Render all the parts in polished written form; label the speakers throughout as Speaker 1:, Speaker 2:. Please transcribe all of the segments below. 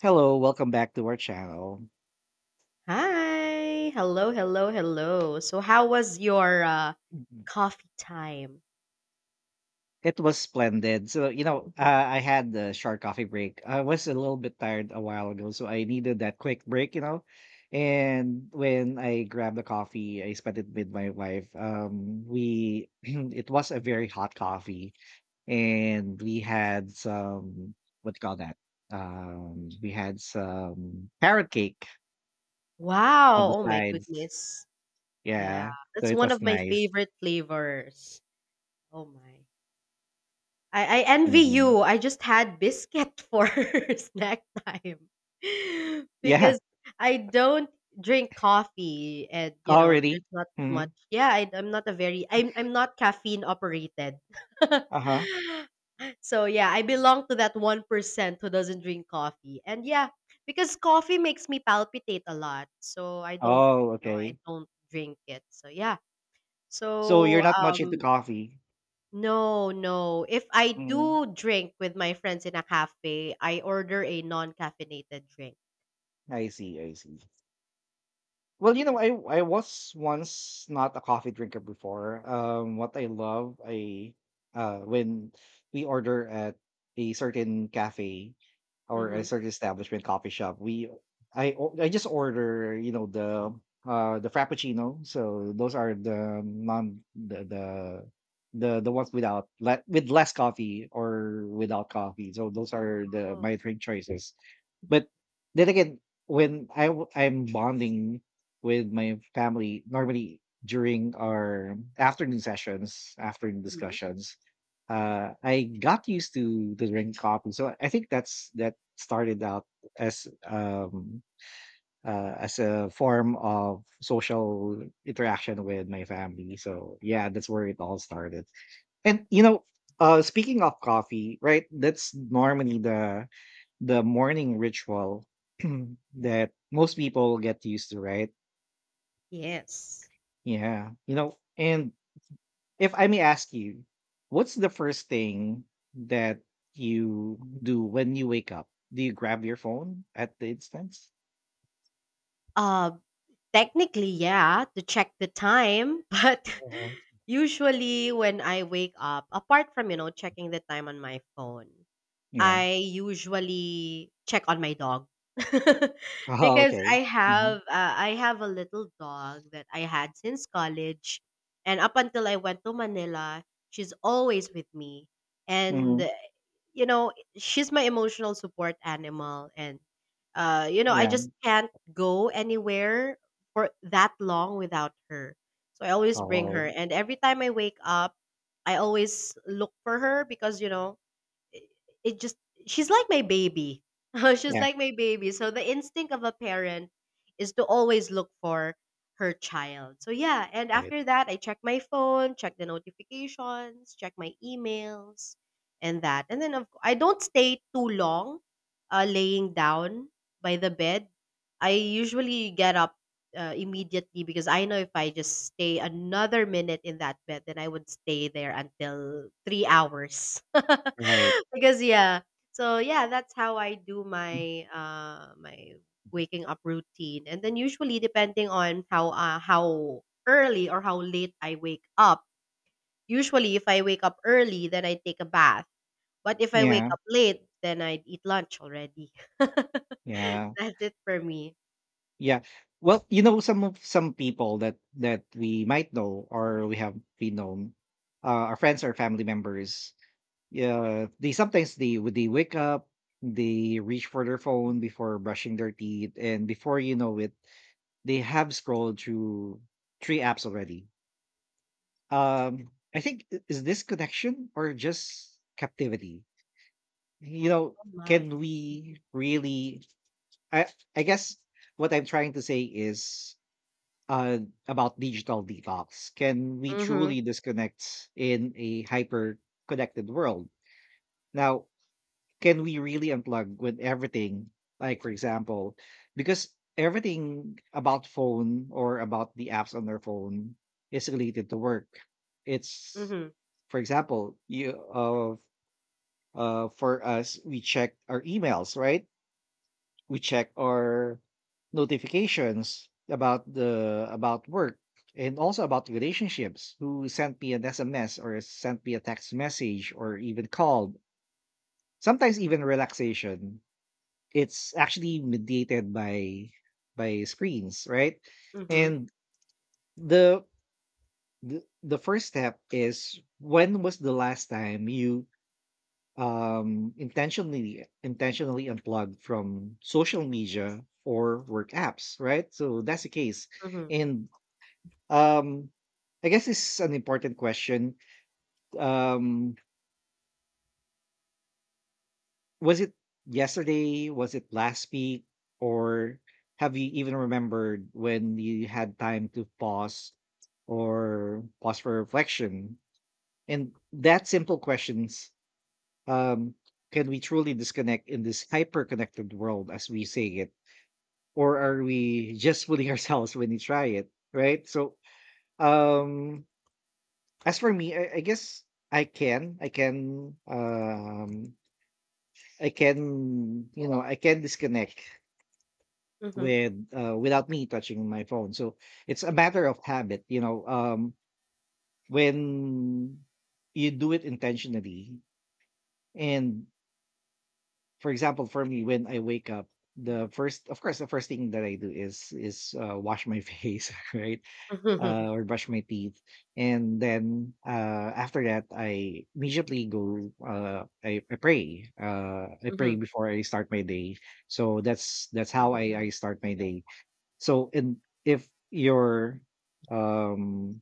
Speaker 1: Hello, welcome back to our channel.
Speaker 2: Hi. Hello, hello, hello. So how was your
Speaker 1: Mhm.
Speaker 2: coffee time?
Speaker 1: It was splendid. So, I had the short coffee break. I was a little bit tired a while ago, so I needed that quick break. And when I grabbed the coffee, I spent it with my wife. We it was a very hot coffee, and we had some what do you call that? We had some carrot cake on
Speaker 2: Wow.
Speaker 1: the
Speaker 2: Oh my
Speaker 1: sides.
Speaker 2: goodness. Yeah.
Speaker 1: Yeah, so
Speaker 2: That's
Speaker 1: it
Speaker 2: one
Speaker 1: was
Speaker 2: of my
Speaker 1: nice.
Speaker 2: favorite flavors. Oh my. I envy
Speaker 1: Mhm.
Speaker 2: you. I just had biscuit for snack time
Speaker 1: Yeah.
Speaker 2: because I don't drink coffee, and you know there's
Speaker 1: Already,
Speaker 2: not
Speaker 1: really?
Speaker 2: much.
Speaker 1: Mhm.
Speaker 2: Yeah, I'm not a very I'm not caffeine operated.
Speaker 1: Uh-huh.
Speaker 2: So yeah, I belong to that 1% who doesn't drink coffee. And yeah, because coffee makes me palpitate a lot. So
Speaker 1: Oh,
Speaker 2: I
Speaker 1: okay.
Speaker 2: don't drink it. So yeah.
Speaker 1: So you're
Speaker 2: So
Speaker 1: not much into
Speaker 2: um
Speaker 1: coffee.
Speaker 2: no, no. If I
Speaker 1: Mhm.
Speaker 2: do drink with my friends in a cafe, I order a non-caffeinated drink.
Speaker 1: I see, I see. Well, you know, I was once not a coffee drinker before. What I love, I when we order at a certain cafe or a
Speaker 2: Mm-hmm.
Speaker 1: certain establishment coffee shop, we I just order, you know, the frappuccino. So those are the ones without with less coffee or without coffee. So those are the
Speaker 2: Oh,
Speaker 1: my drink choices. But then again, when I'm bonding with my family normally during our afternoon sessions, afternoon
Speaker 2: mhm.
Speaker 1: discussions. I got used to the drink coffee, so I think that's that started out as as a form of social interaction with my family. So yeah, that's where it all started. And you know, speaking of coffee, right? That's normally the morning ritual that most people get used to, right?
Speaker 2: Yes.
Speaker 1: Yeah. You know, and if I may ask you, what's the first thing that you do when you wake up? Do you grab your phone at the instance?
Speaker 2: Uh Technically, yeah, to check the time, but
Speaker 1: Mhm.
Speaker 2: usually when I wake up, apart from, you know, checking the time on my phone,
Speaker 1: Yeah.
Speaker 2: I usually check on my dog
Speaker 1: Oh,
Speaker 2: because
Speaker 1: okay. Hmm.
Speaker 2: I have a little dog that I had since college, and up until I went to Manila, she's always with me, and
Speaker 1: Hmm.
Speaker 2: you know, she's my emotional support animal, and you know, I
Speaker 1: Yeah.
Speaker 2: just can't go anywhere for that long without her, so I always bring her,
Speaker 1: Oh,
Speaker 2: and every time I wake up, I always look for her because you know it just she's like my baby. She's
Speaker 1: yeah.
Speaker 2: like my baby. So the instinct of a parent is to always look for her child. So yeah, and
Speaker 1: Right.
Speaker 2: after that I check my phone, check the notifications, check my emails and that. And then of I don't stay too long laying down by the bed. I usually get up immediately, because I know if I just stay another minute in that bed, then I would stay there until 3 hours.
Speaker 1: Right.
Speaker 2: Because yeah, so yeah, that's how I do
Speaker 1: Mm.
Speaker 2: my waking up routine, and then usually depending on how early or how late I wake up. Usually, if I wake up early, then I take a bath. But if I wake
Speaker 1: Yeah.
Speaker 2: up late, then I'd eat lunch already.
Speaker 1: Yeah.
Speaker 2: That's it for me.
Speaker 1: Yeah. Well, you know, some of some people that that we might know or we have we known our friends or family members. Yeah, they sometimes they would they wake up, they reach for their phone before brushing their teeth, and before you know it, they have scrolled through three apps already. I think is this connection or just captivity? You know,
Speaker 2: Oh my.
Speaker 1: can we really? I I guess what I'm trying to say is uh about digital detox. Can we
Speaker 2: Mhm.
Speaker 1: truly disconnect in a hyper connected world? Now, can we really unplug with everything? Like for example, because everything about phone or about the apps on their phone is related to work. It's
Speaker 2: Mhm.
Speaker 1: for example, you of for us we check our emails, right? We check our notifications about the about work, and also about relationships who sent me an SMS or sent me a text message or even called. Sometimes even relaxation, it's actually mediated by screens, right?
Speaker 2: Mhm.
Speaker 1: And the, the first step is, when was the last time you intentionally unplugged from social media or work apps, right? So that's the case.
Speaker 2: Mhm,
Speaker 1: And um I guess this is an important question. um Was it yesterday? Was it last week? Or have you even remembered when you had time to pause or pause for reflection? And that simple questions, um, can we truly disconnect in this hyper connected world as we say it? Or are we just fooling ourselves when we try it? Right. So, um, as for me, I guess I can, I can, I can, you know, I can disconnect
Speaker 2: mhm,
Speaker 1: without me touching my phone. So it's a matter of habit, you know. When you do it intentionally, and for example, for me, when I wake up, the first thing that I do is wash my face, right,
Speaker 2: mhm,
Speaker 1: or brush my teeth, and then after that, I immediately go. I pray. I pray
Speaker 2: mhm,
Speaker 1: before I start my day. So that's how I start my day. So in um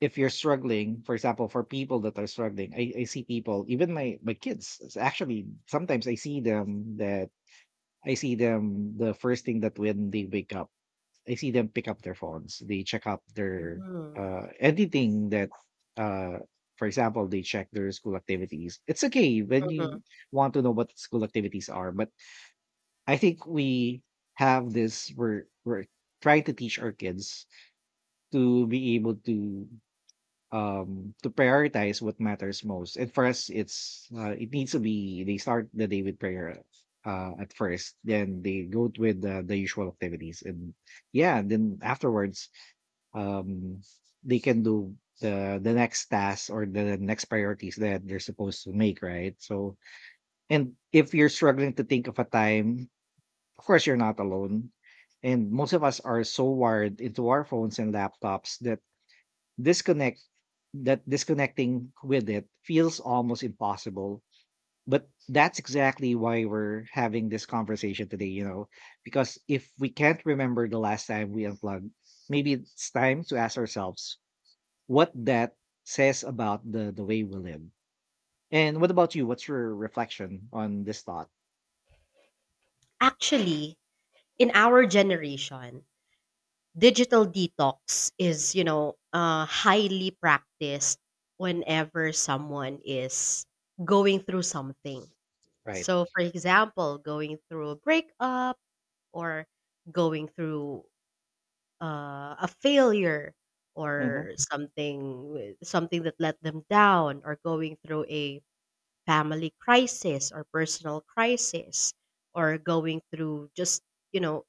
Speaker 1: if you're struggling, for example, for people that are struggling, I see people, even my kids, actually sometimes I see them that I see them the first thing that when they wake up, I see them pick up their phones, they check up their
Speaker 2: mhm,
Speaker 1: anything that uh for example, they check their school activities. It's okay when you
Speaker 2: mhm.
Speaker 1: want to know what school activities are, but I think we have this we're trying to teach our kids to be able to prioritize what matters most, and for us it's it needs to be they start the day with prayer at first, then they go with the usual activities, and yeah, then afterwards um they can do the next task or the next priorities that they're supposed to make, right? So and if you're struggling to think of a time, of course you're not alone, and most of us are so wired into our phones and laptops that disconnect that disconnecting with it feels almost impossible, but that's exactly why we're having this conversation today, you know, because if we can't remember the last time we unplugged, maybe it's time to ask ourselves what that says about the way we live. And what about you, what's your reflection on this thought?
Speaker 2: Actually, in our generation, digital detox is, you know, highly practiced whenever someone is going through something.
Speaker 1: Right.
Speaker 2: So, for example, going through a breakup, or going through a failure, or
Speaker 1: Mm-hmm.
Speaker 2: something that let them down, or going through a family crisis or personal crisis, or going through just, you know,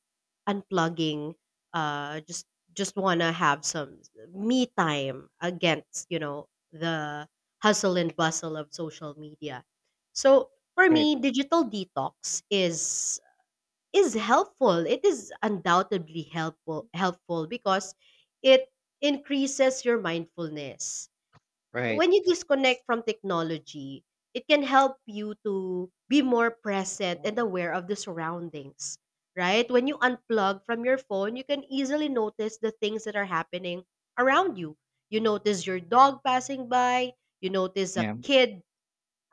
Speaker 2: unplugging, uh just just want to have some me time against, you know, the hustle and bustle of social media. So for
Speaker 1: Right.
Speaker 2: me, digital detox is helpful. It is undoubtedly helpful because it increases your mindfulness.
Speaker 1: Right.
Speaker 2: When you disconnect from technology, it can help you to be more present and aware of the surroundings, right? When you unplug from your phone, you can easily notice the things that are happening around you. You notice your dog passing by, you notice a
Speaker 1: Yeah.
Speaker 2: kid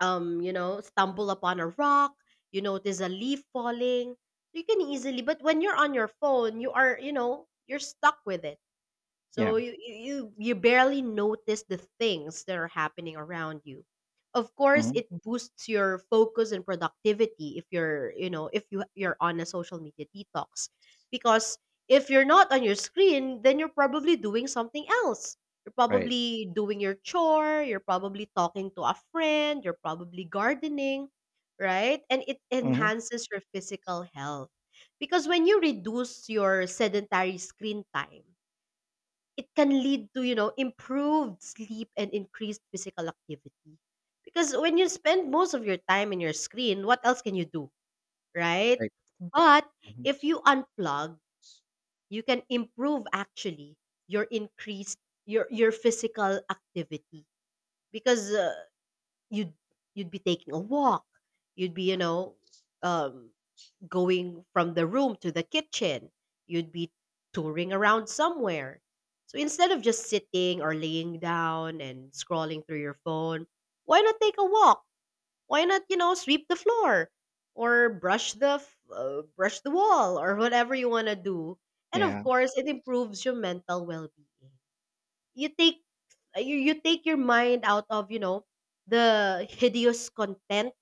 Speaker 2: you know, stumble upon a rock, you notice a leaf falling. You can easily, but when you're on your phone, you are, you know, you're stuck with it,
Speaker 1: Yeah.
Speaker 2: so you barely notice the things that are happening around you. Of course,
Speaker 1: Mm-hmm.
Speaker 2: it boosts your focus and productivity if you're, you know, if you're on a social media detox. Because if you're not on your screen, then you're probably doing something else. You're
Speaker 1: Right.
Speaker 2: probably doing your chore, you're probably talking to a friend, you're probably gardening, right? And it
Speaker 1: Mm-hmm.
Speaker 2: enhances your physical health. Because when you reduce your sedentary screen time, it can lead to, you know, improved sleep and increased physical activity. Because when you spend most of your time in your screen, what else can you do, right?
Speaker 1: Right.
Speaker 2: But
Speaker 1: Hmm.
Speaker 2: if you unplug, you can improve actually your increased your physical activity because you'd you'd be taking a walk, you'd be, you know, um, going from the room to the kitchen. You'd be touring around somewhere. So instead of just sitting or laying down and scrolling through your phone, why not take a walk? Why not, you know, sweep the floor or brush the wall or whatever you want to do. And of
Speaker 1: Yeah.
Speaker 2: course, it improves your mental well-being. You take you you take your mind out of, you know, the hideous content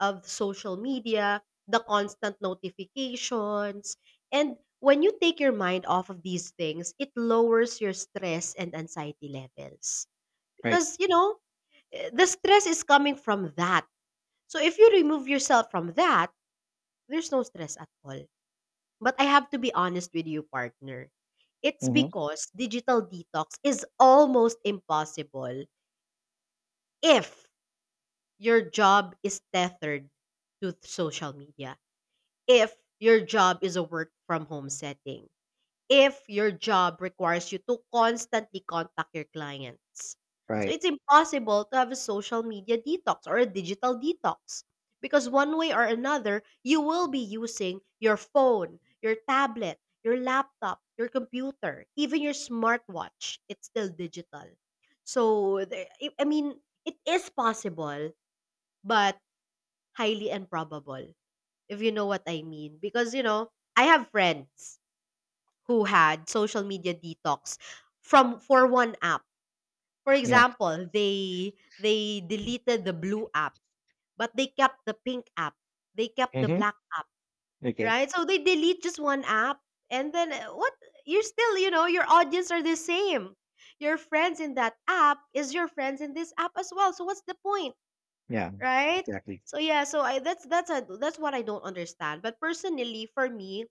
Speaker 2: of social media, the constant notifications, and when you take your mind off of these things, it lowers your stress and anxiety levels.
Speaker 1: Right.
Speaker 2: Because, you know, the stress is coming from that. So if you remove yourself from that, there's no stress at all. But I have to be honest with you, partner. It's
Speaker 1: Mm-hmm.
Speaker 2: because digital detox is almost impossible if your job is tethered to social media, if your job is a work from home setting, if your job requires you to constantly contact your clients. So
Speaker 1: Right.
Speaker 2: it's impossible to have a social media detox or a digital detox because one way or another, you will be using your phone, your tablet, your laptop, your computer, even your smartwatch. It's still digital. So, I mean, it is possible but highly improbable, if you know what I mean. Because, you know, I have friends who had social media detox from for one app. For
Speaker 1: Yeah.
Speaker 2: example, they deleted the blue app, but they kept the pink app. They kept the
Speaker 1: Mm-hmm.
Speaker 2: black app,
Speaker 1: Okay.
Speaker 2: right? So they delete just one app, and then what you're still, you know, your audience are the same. Your friends in that app is your friends in this app as well. So what's the point?
Speaker 1: Yeah.
Speaker 2: Right?
Speaker 1: Exactly.
Speaker 2: So yeah, so I that's a that's what I don't understand. But personally, for me,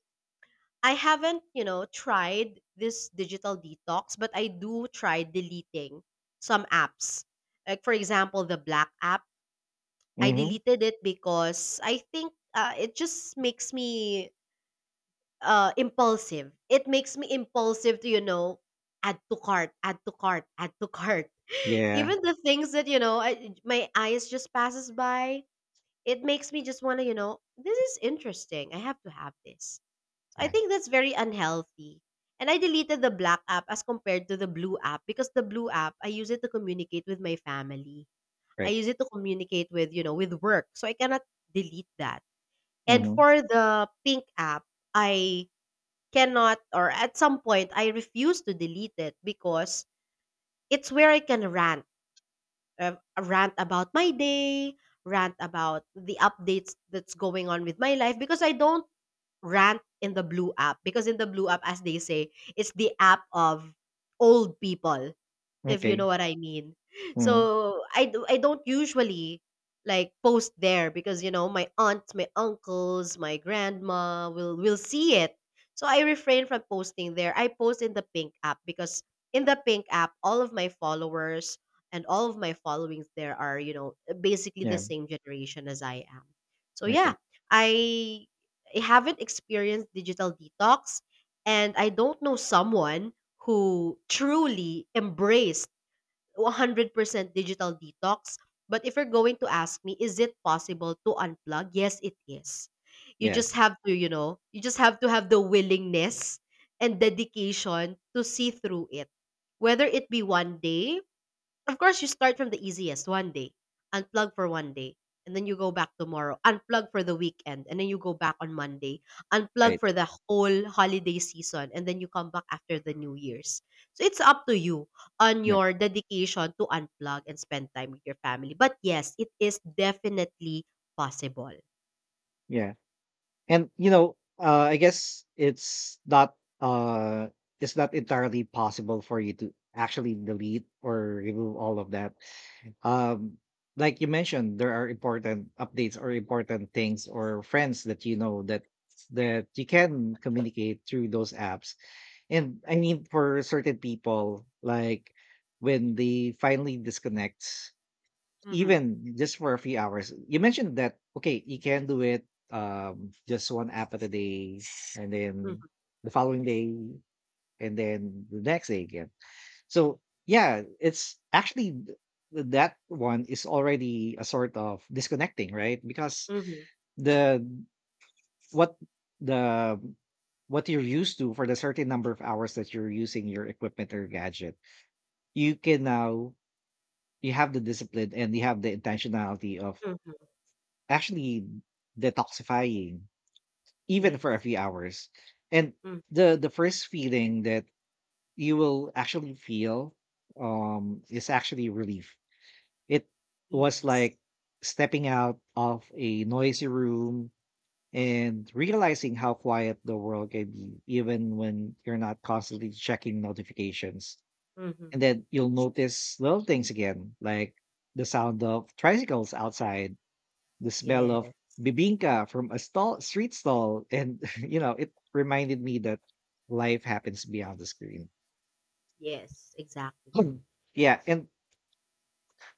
Speaker 2: I haven't, you know, tried this digital detox, but I do try deleting some apps. Like for example, the black app. I
Speaker 1: Mm-hmm.
Speaker 2: deleted it because I think it just makes me impulsive. It makes me impulsive to, you know, add to cart, add to cart, add to cart.
Speaker 1: Yeah.
Speaker 2: Even the things that, you know, my eyes just passes by, it makes me just want to, you know, this is interesting. I have to have this. I
Speaker 1: Yeah.
Speaker 2: think that's very unhealthy. And I deleted the black app as compared to the blue app because the blue app, I use it to communicate with my family. I
Speaker 1: Right.
Speaker 2: use it to communicate with, you know, with work. So I cannot delete that. And
Speaker 1: Mm-hmm.
Speaker 2: for the pink app, I cannot, or at some point, I refuse to delete it because it's where I can rant, uh, rant about my day, rant about the updates that's going on with my life, because I don't rant in the blue app, because in the blue app, as they say, it's the app of old people, if you
Speaker 1: Okay.
Speaker 2: know what I mean.
Speaker 1: Mm-hmm.
Speaker 2: So I don't usually like post there because, you know, my aunts, my uncles, my grandma will see it. So I refrain from posting there. I post in the Pink app because in the Pink app, all of my followers and all of my followings there are, you know, basically the
Speaker 1: Yeah.
Speaker 2: same generation as I am. So yeah,
Speaker 1: Okay.
Speaker 2: I I haven't experienced digital detox, and I don't know someone who truly embraced 100% digital detox. But if you're going to ask me, is it possible to unplug? Yes, it is. You just
Speaker 1: Yes.
Speaker 2: have to, you know, you just have to have the willingness and dedication to see through it. Whether it be 1 day, of course, you start from the easiest, 1 day, unplug for 1 day, and then you go back tomorrow, unplug for the weekend, and then you go back on Monday, unplug
Speaker 1: Right.
Speaker 2: for the whole holiday season, and then you come back after the New Year's. So it's up to you on
Speaker 1: Yeah.
Speaker 2: your dedication to unplug and spend time with your family. But yes, it is definitely possible.
Speaker 1: Yeah. And you know, it's not entirely possible for you to actually delete or remove all of that. Um, like you mentioned, there are important updates or important things or friends that you know that that you can communicate through those apps. And I mean, for certain people, like when they finally disconnect,
Speaker 2: Mm-hmm.
Speaker 1: even just for a few hours, you mentioned that, okay, you can do it, just one app at a day, and then
Speaker 2: Mm-hmm.
Speaker 1: the following day, and then the next day again. So, yeah, it's actually that one is already a sort of disconnecting, right? Because
Speaker 2: Mm-hmm.
Speaker 1: the what the what you're used to for the certain number of hours that you're using your equipment or gadget, you can now, you have the discipline and you have the intentionality of
Speaker 2: Hmm.
Speaker 1: actually detoxifying even for a
Speaker 2: Yes.
Speaker 1: few hours. And
Speaker 2: Mm,
Speaker 1: the first feeling that you will actually feel is actually relief. It was
Speaker 2: yes.
Speaker 1: like stepping out of a noisy room and realizing how quiet the world can be even when you're not constantly checking notifications,
Speaker 2: Mm-hmm.
Speaker 1: and then you'll notice little things again, like the sound of tricycles outside, the smell
Speaker 2: Yes.
Speaker 1: of bibinka from a stall street stall, and you know, it reminded me that life happens beyond the screen.
Speaker 2: Yes. Exactly.
Speaker 1: Yeah, and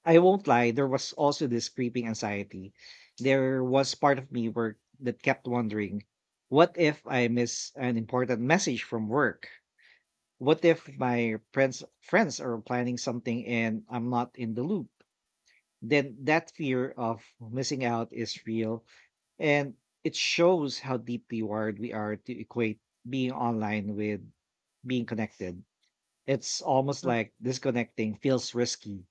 Speaker 1: I won't lie, there was also this creeping anxiety. There was part of me work that kept wondering, what if I miss an important message from work? What if my friends are planning something and I'm not in the loop? Then that fear of missing out is real, and it shows how deeply wired we are to equate being online with being connected. It's almost like disconnecting feels risky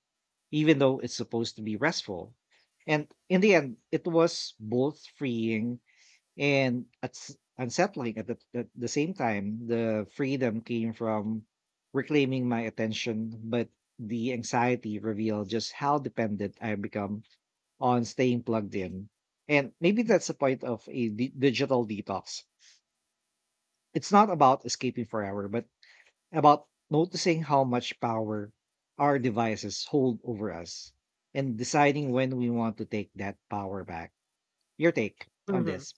Speaker 1: even though it's supposed to be restful. And in the end, it was both freeing and unsettling at at the same time. The freedom came from reclaiming my attention, but the anxiety revealed just how dependent I become on staying plugged in. And maybe that's the point of a digital detox. It's not about escaping forever, but about noticing how much power our devices hold over us and deciding when we want to take that power back. Your take on
Speaker 2: Mm-hmm.
Speaker 1: this?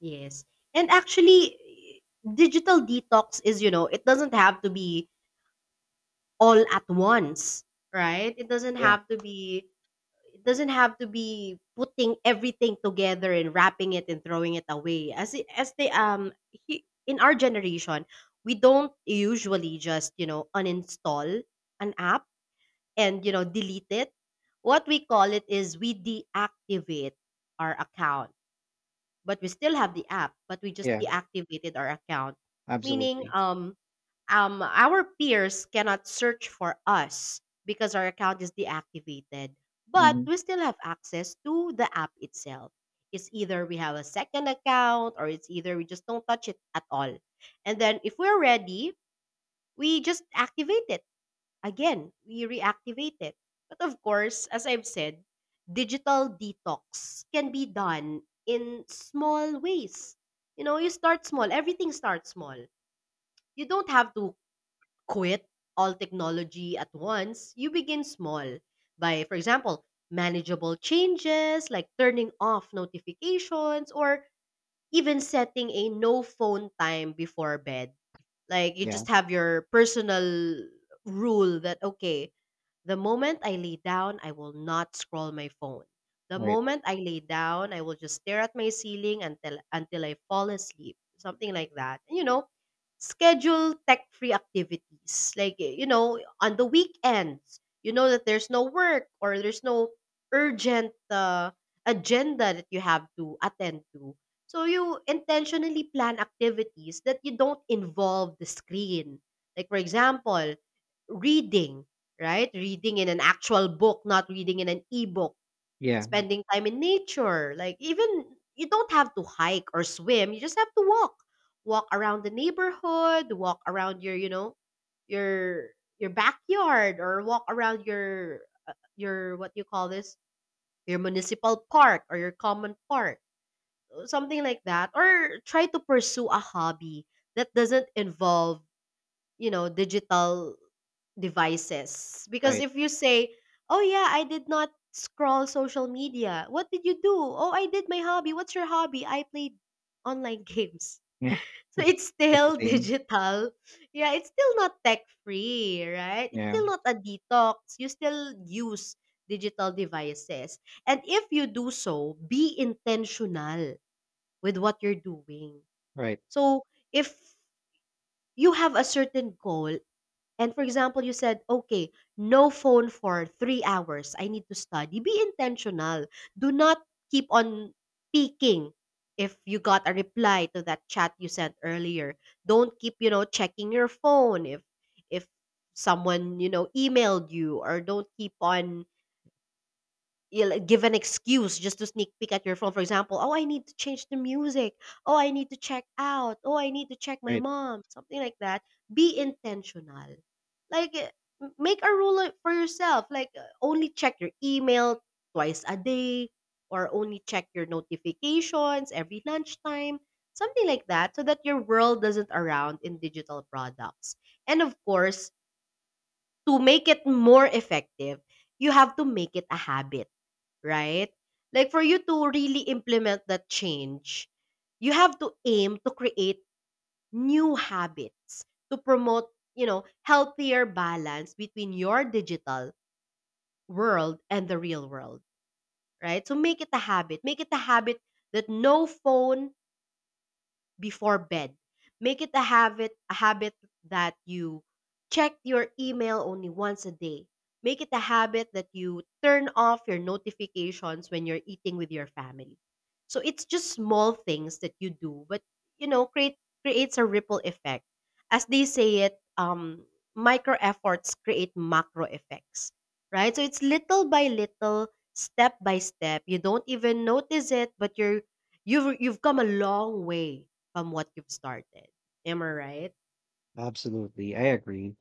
Speaker 2: Yes. And actually, digital detox is, you know, it doesn't have to be all at once, right?
Speaker 1: Yeah,
Speaker 2: It doesn't have to be putting everything together and wrapping it and throwing it away. As it- as they he, In our generation, we don't usually just, you know, uninstall an app and, you know, delete it. What we call it is we deactivate our account. But we still have the app, but we just
Speaker 1: yeah,
Speaker 2: deactivated our account. Meaning,
Speaker 1: absolutely.
Speaker 2: our peers cannot search for us because our account is deactivated. But
Speaker 1: Hmm.
Speaker 2: we still have access to the app itself. It's either we have a second account or it's either we just don't touch it at all. And then if we're ready, we just activate it again, we reactivate it. But of course, as I've said, digital detox can be done in small ways. You know, you start small, everything starts small. You don't have to quit all technology at once. You begin small by, for example, manageable changes like turning off notifications or even setting a no phone time before bed, like you
Speaker 1: Yeah,
Speaker 2: just have your personal rule that, okay, the moment I lay down, I will not scroll my phone. The
Speaker 1: right.
Speaker 2: moment I lay down, I will just stare at my ceiling until I fall asleep. Something like that. And, you know, schedule tech-free activities. You know, on the weekends, you know that there's no work or there's no urgent agenda that you have to attend to. So you intentionally plan activities that you don't involve the screen. Like, for example, reading, right? Reading in an actual book, not reading in an e-book.
Speaker 1: Yeah,
Speaker 2: Spending time in nature, like, even you don't have to hike or swim, you just have to walk. Walk around the neighborhood, walk around your, you know, your your backyard, or walk around your your, what you call this, your municipal park or your common park, something like that. Or try to pursue a hobby that doesn't involve, you know, digital devices. Because
Speaker 1: right.
Speaker 2: if you say, oh yeah, I did not scroll social media. What did you do? Oh, I did my hobby. What's your hobby? I played online games.
Speaker 1: Yeah,
Speaker 2: So it's
Speaker 1: it's the
Speaker 2: still
Speaker 1: same.
Speaker 2: digital. Yeah, it's still not tech free, right? It's
Speaker 1: Yeah,
Speaker 2: still not a detox. You still use digital devices. And if you do so, be intentional with what you're doing.
Speaker 1: right,
Speaker 2: So if you have a certain goal, and for example, you said, okay, no phone for 3 hours. I need to study. Be intentional. Do not keep on peeking if you got a reply to that chat you sent earlier. Don't keep, you know, checking your phone if someone, you know, emailed you. Or don't keep on, you like, give an excuse just to sneak peek at your phone. For example, oh, I need to change the music. Oh, I need to check out. Oh, I need to check my
Speaker 1: right.
Speaker 2: mom. Something like that. Be intentional. Like, eh, make a rule, like, for yourself. Only check your email twice a day, or only check your notifications every lunchtime. Something like that, so that your world doesn't around in digital products. And of course, to make it more effective, you have to make it a habit, right? Like, for you to really implement that change, you have to aim to create new habits to promote, you know, healthier balance between your digital world and the real world, right? So make it a habit. Make it a habit that no phone, before bed. Make it a habit that you check your email only once a day. Make it a habit that you turn off your notifications when you're eating with your family. So it's just small things that you do, but, you know, creates a ripple effect. As they say it, micro efforts create macro effects, right? So it's little by little, step by step. You don't even notice it, but you've come a long way from what you've started. Am I right?
Speaker 1: Absolutely, I agree.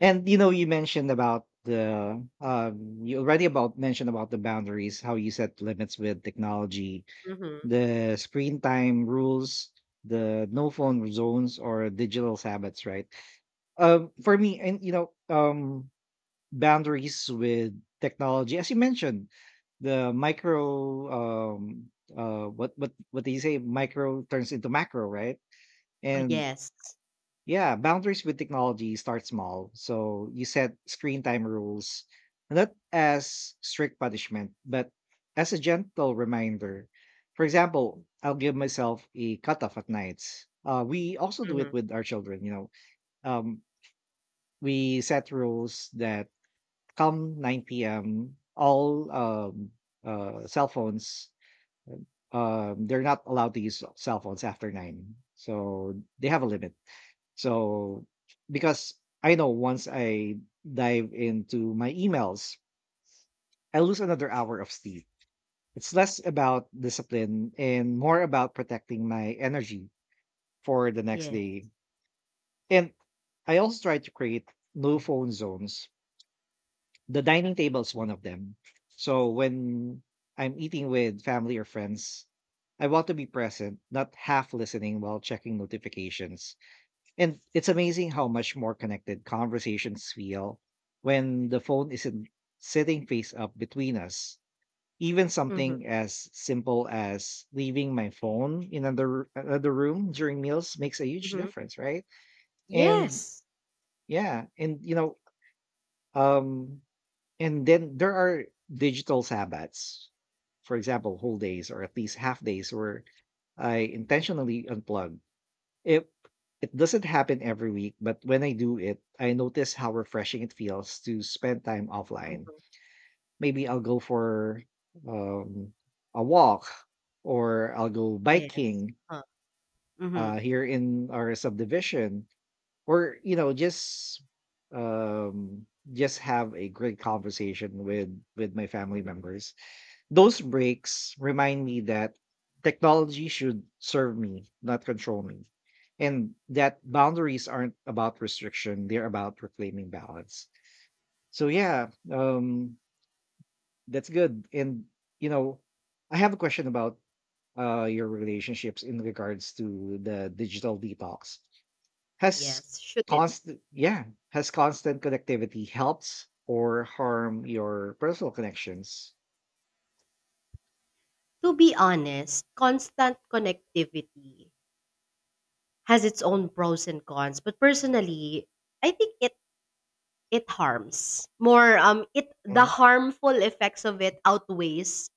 Speaker 1: And you know, you mentioned about the you already about mentioned about the boundaries, how you set limits with technology,
Speaker 2: Mhm.
Speaker 1: the screen time rules, the no phone zones or digital Sabbaths, right? For me, and you know, boundaries with technology, as you mentioned, the micro, what do you say? Micro turns into macro, right?
Speaker 2: Oh,
Speaker 1: And
Speaker 2: yes.
Speaker 1: yeah, boundaries with technology start small. So you set screen time rules, not as strict punishment, but as a gentle reminder. For example, I'll give myself a cutoff at nights. We also do it
Speaker 2: Mhm.
Speaker 1: with our children. You know, um, we set rules that come 9 p.m. all cell phones. They're not allowed to use cell phones after nine, so they have a limit. So, because I know once I dive into my emails, I lose another hour of sleep. It's less about discipline and more about protecting my energy for the next
Speaker 2: Yes.
Speaker 1: day. And I also try to create no phone zones. The dining table is one of them. So when I'm eating with family or friends, I want to be present, not half listening while checking notifications. And it's amazing how much more connected conversations feel when the phone isn't sitting face up between us. Even
Speaker 2: Mhm.
Speaker 1: something as simple as leaving my phone in another room during meals makes a huge
Speaker 2: Mhm.
Speaker 1: difference, right? And
Speaker 2: Yes.
Speaker 1: yeah, and you know, um, and then there are digital Sabbats, for example, whole days or at least half days where I intentionally unplug. It it doesn't happen every week, but when I do it, I notice how refreshing it feels to spend time offline.
Speaker 2: Mhm.
Speaker 1: Maybe I'll go for um, a walk, or I'll go
Speaker 2: Yes.
Speaker 1: biking
Speaker 2: Huh. Mhm.
Speaker 1: here in our subdivision, or um, just have a great conversation with my family members. Those breaks remind me that technology should serve me, not control me, and that boundaries aren't about restriction, they're about reclaiming balance. So yeah, um that's good. And you know, I have a question about your relationships in regards to the digital detox. Has
Speaker 2: Yes. Should it?
Speaker 1: constant yeah, has constant connectivity helped or harm your personal connections?
Speaker 2: To be honest, constant connectivity has its own pros and cons, but personally, I think it harms more. It, the
Speaker 1: Mhm.
Speaker 2: harmful effects of it outweighs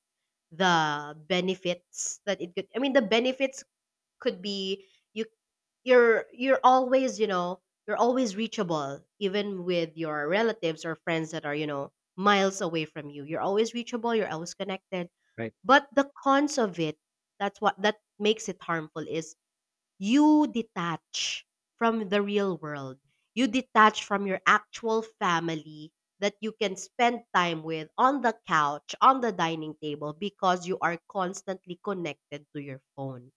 Speaker 2: the benefits that it could. I mean, the benefits could be you, you're always, you know, you're always reachable, even with your relatives or friends that are, you know, miles away from you. You're always reachable, you're always connected.
Speaker 1: Right,
Speaker 2: But the cons of it, that's what that makes it harmful, is you detach from the real world, you detach from your actual family that you can spend time with on the couch, on the dining table, because you are constantly connected to your phone.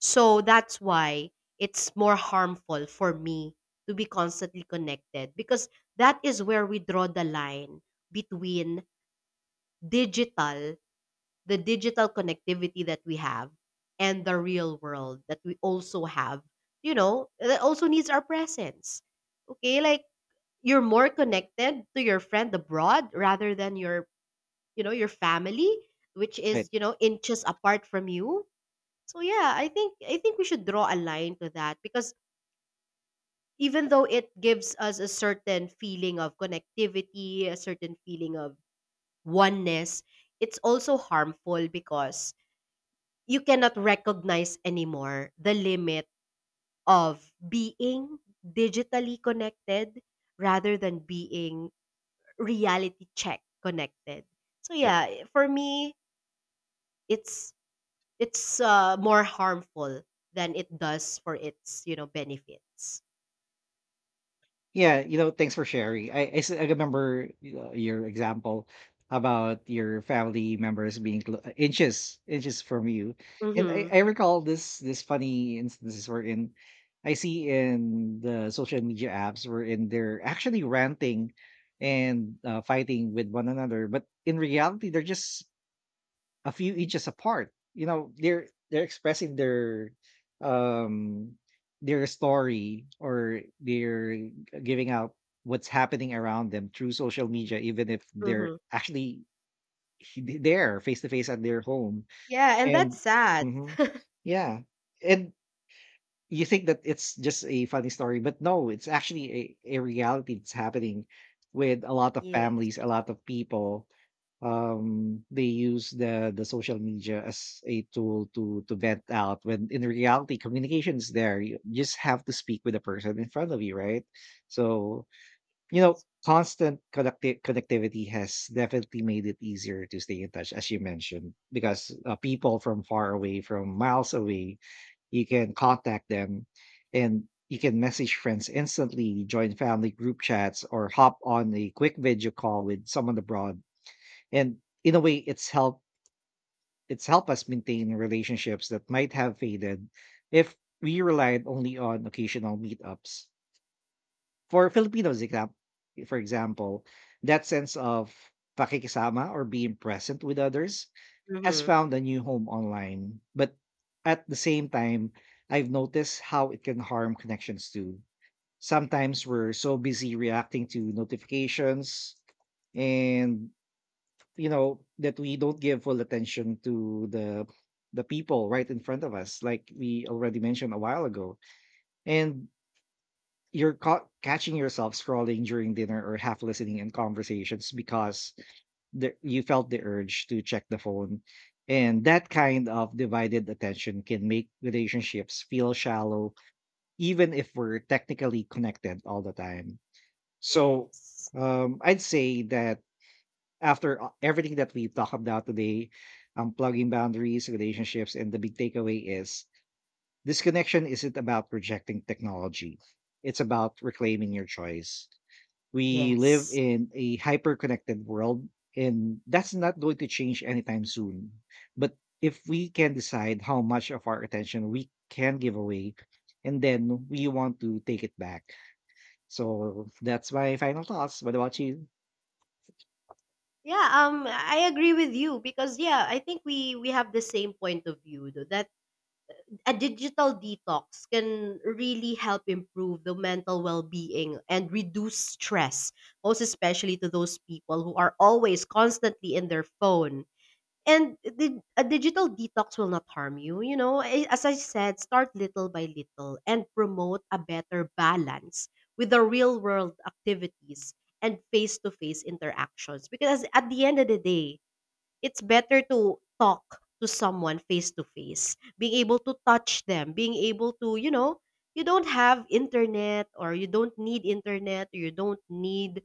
Speaker 2: So that's why it's more harmful for me to be constantly connected, because that is where we draw the line between digital, the digital connectivity that we have, and the real world that we also have, you know, that also needs our presence. Okay, like, you're more connected to your friend abroad rather than your, you know, your family, which
Speaker 1: right,
Speaker 2: is, you know, inches apart from you. So yeah, I think we should draw a line to that, because even though it gives us a certain feeling of connectivity, a certain feeling of oneness, it's also harmful because you cannot recognize anymore the limit of being digitally connected rather than being reality check connected. So
Speaker 1: right.
Speaker 2: yeah, for me, it's it's more harmful than it does for its, you know, benefits.
Speaker 1: Yeah, you know, thanks for sharing. I remember, you know, your example about your family members being inches from you, and
Speaker 2: Mhm,
Speaker 1: I recall this funny instances where in I see in the social media apps where in they're actually ranting and fighting with one another, but in reality they're just a few inches apart. You know, they're expressing um their story or giving out what's happening around them through social media, even if they're
Speaker 2: mhm.
Speaker 1: actually there face to face at their home.
Speaker 2: Yeah, and that's
Speaker 1: And
Speaker 2: sad.
Speaker 1: mhm, yeah, and you think that it's just a funny story, but no, it's actually a reality that's happening with a lot of
Speaker 2: Yes.
Speaker 1: families, a lot of people. They use the social media as a tool to vent out when in reality communication is there. You just have to speak with the person in front of you, right? So, you know, connectivity has definitely made it easier to stay in touch, as you mentioned, because people from far away, from miles away, you can contact them, and you can message friends instantly, join family group chats, or hop on a quick video call with someone abroad. And in a way, it's helped us maintain relationships that might have faded if we relied only on occasional meetups. For Filipinos exam- for example, that sense of pakikisama, or being present with others, has
Speaker 2: Mhm.
Speaker 1: found a new home online. But at the same time, I've noticed how it can harm connections too. Sometimes we're so busy reacting to notifications, and you know, that we don't give full attention to the people right in front of us, like we already mentioned a while ago. And you're caught catching yourself scrolling during dinner or half listening in conversations because you felt the urge to check the phone. And that kind of divided attention can make relationships feel shallow even if we're technically connected all the time. So
Speaker 2: Yes.
Speaker 1: I'd say that everything that we talked about today, unplugging, boundaries, relationships, and the big takeaway is this: connection isn't about rejecting technology. It's about reclaiming your choice. We live
Speaker 2: Yes.
Speaker 1: in a hyper connected world, and that's not going to change anytime soon. But if we can decide how much of our attention we can give away, and then we want to take it back. So that's my final thoughts. What about you?
Speaker 2: Yeah, I agree with you because, yeah, I think we have the same point of view, though, that a digital detox can really help improve the mental well-being and reduce stress, most especially to those people who are always constantly in their phone. And the, a digital detox will not harm you. You know, as I said, start little by little and promote a better balance with the real world activities and face to face interactions. Because at the end of the day, it's better to talk to someone face to face, being able to touch them, being able to, you know, you don't have internet, or you don't need internet, or you don't need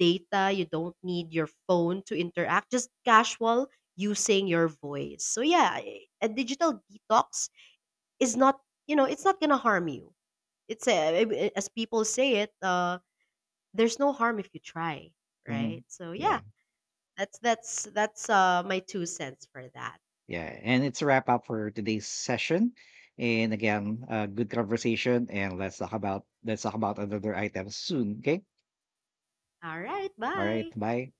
Speaker 2: data, you don't need your phone to interact, just casual, using your voice. So yeah, a digital detox is not, you know, it's not gonna harm you. It's a, as people say it, there's no harm if you try, right?
Speaker 1: Mhm.
Speaker 2: So yeah,
Speaker 1: Yeah.
Speaker 2: that's my two cents for that.
Speaker 1: Yeah, and it's a wrap up for today's session. And again, good conversation, and let's talk about another item soon. Okay,
Speaker 2: All right,
Speaker 1: all right,
Speaker 2: bye.
Speaker 1: bye.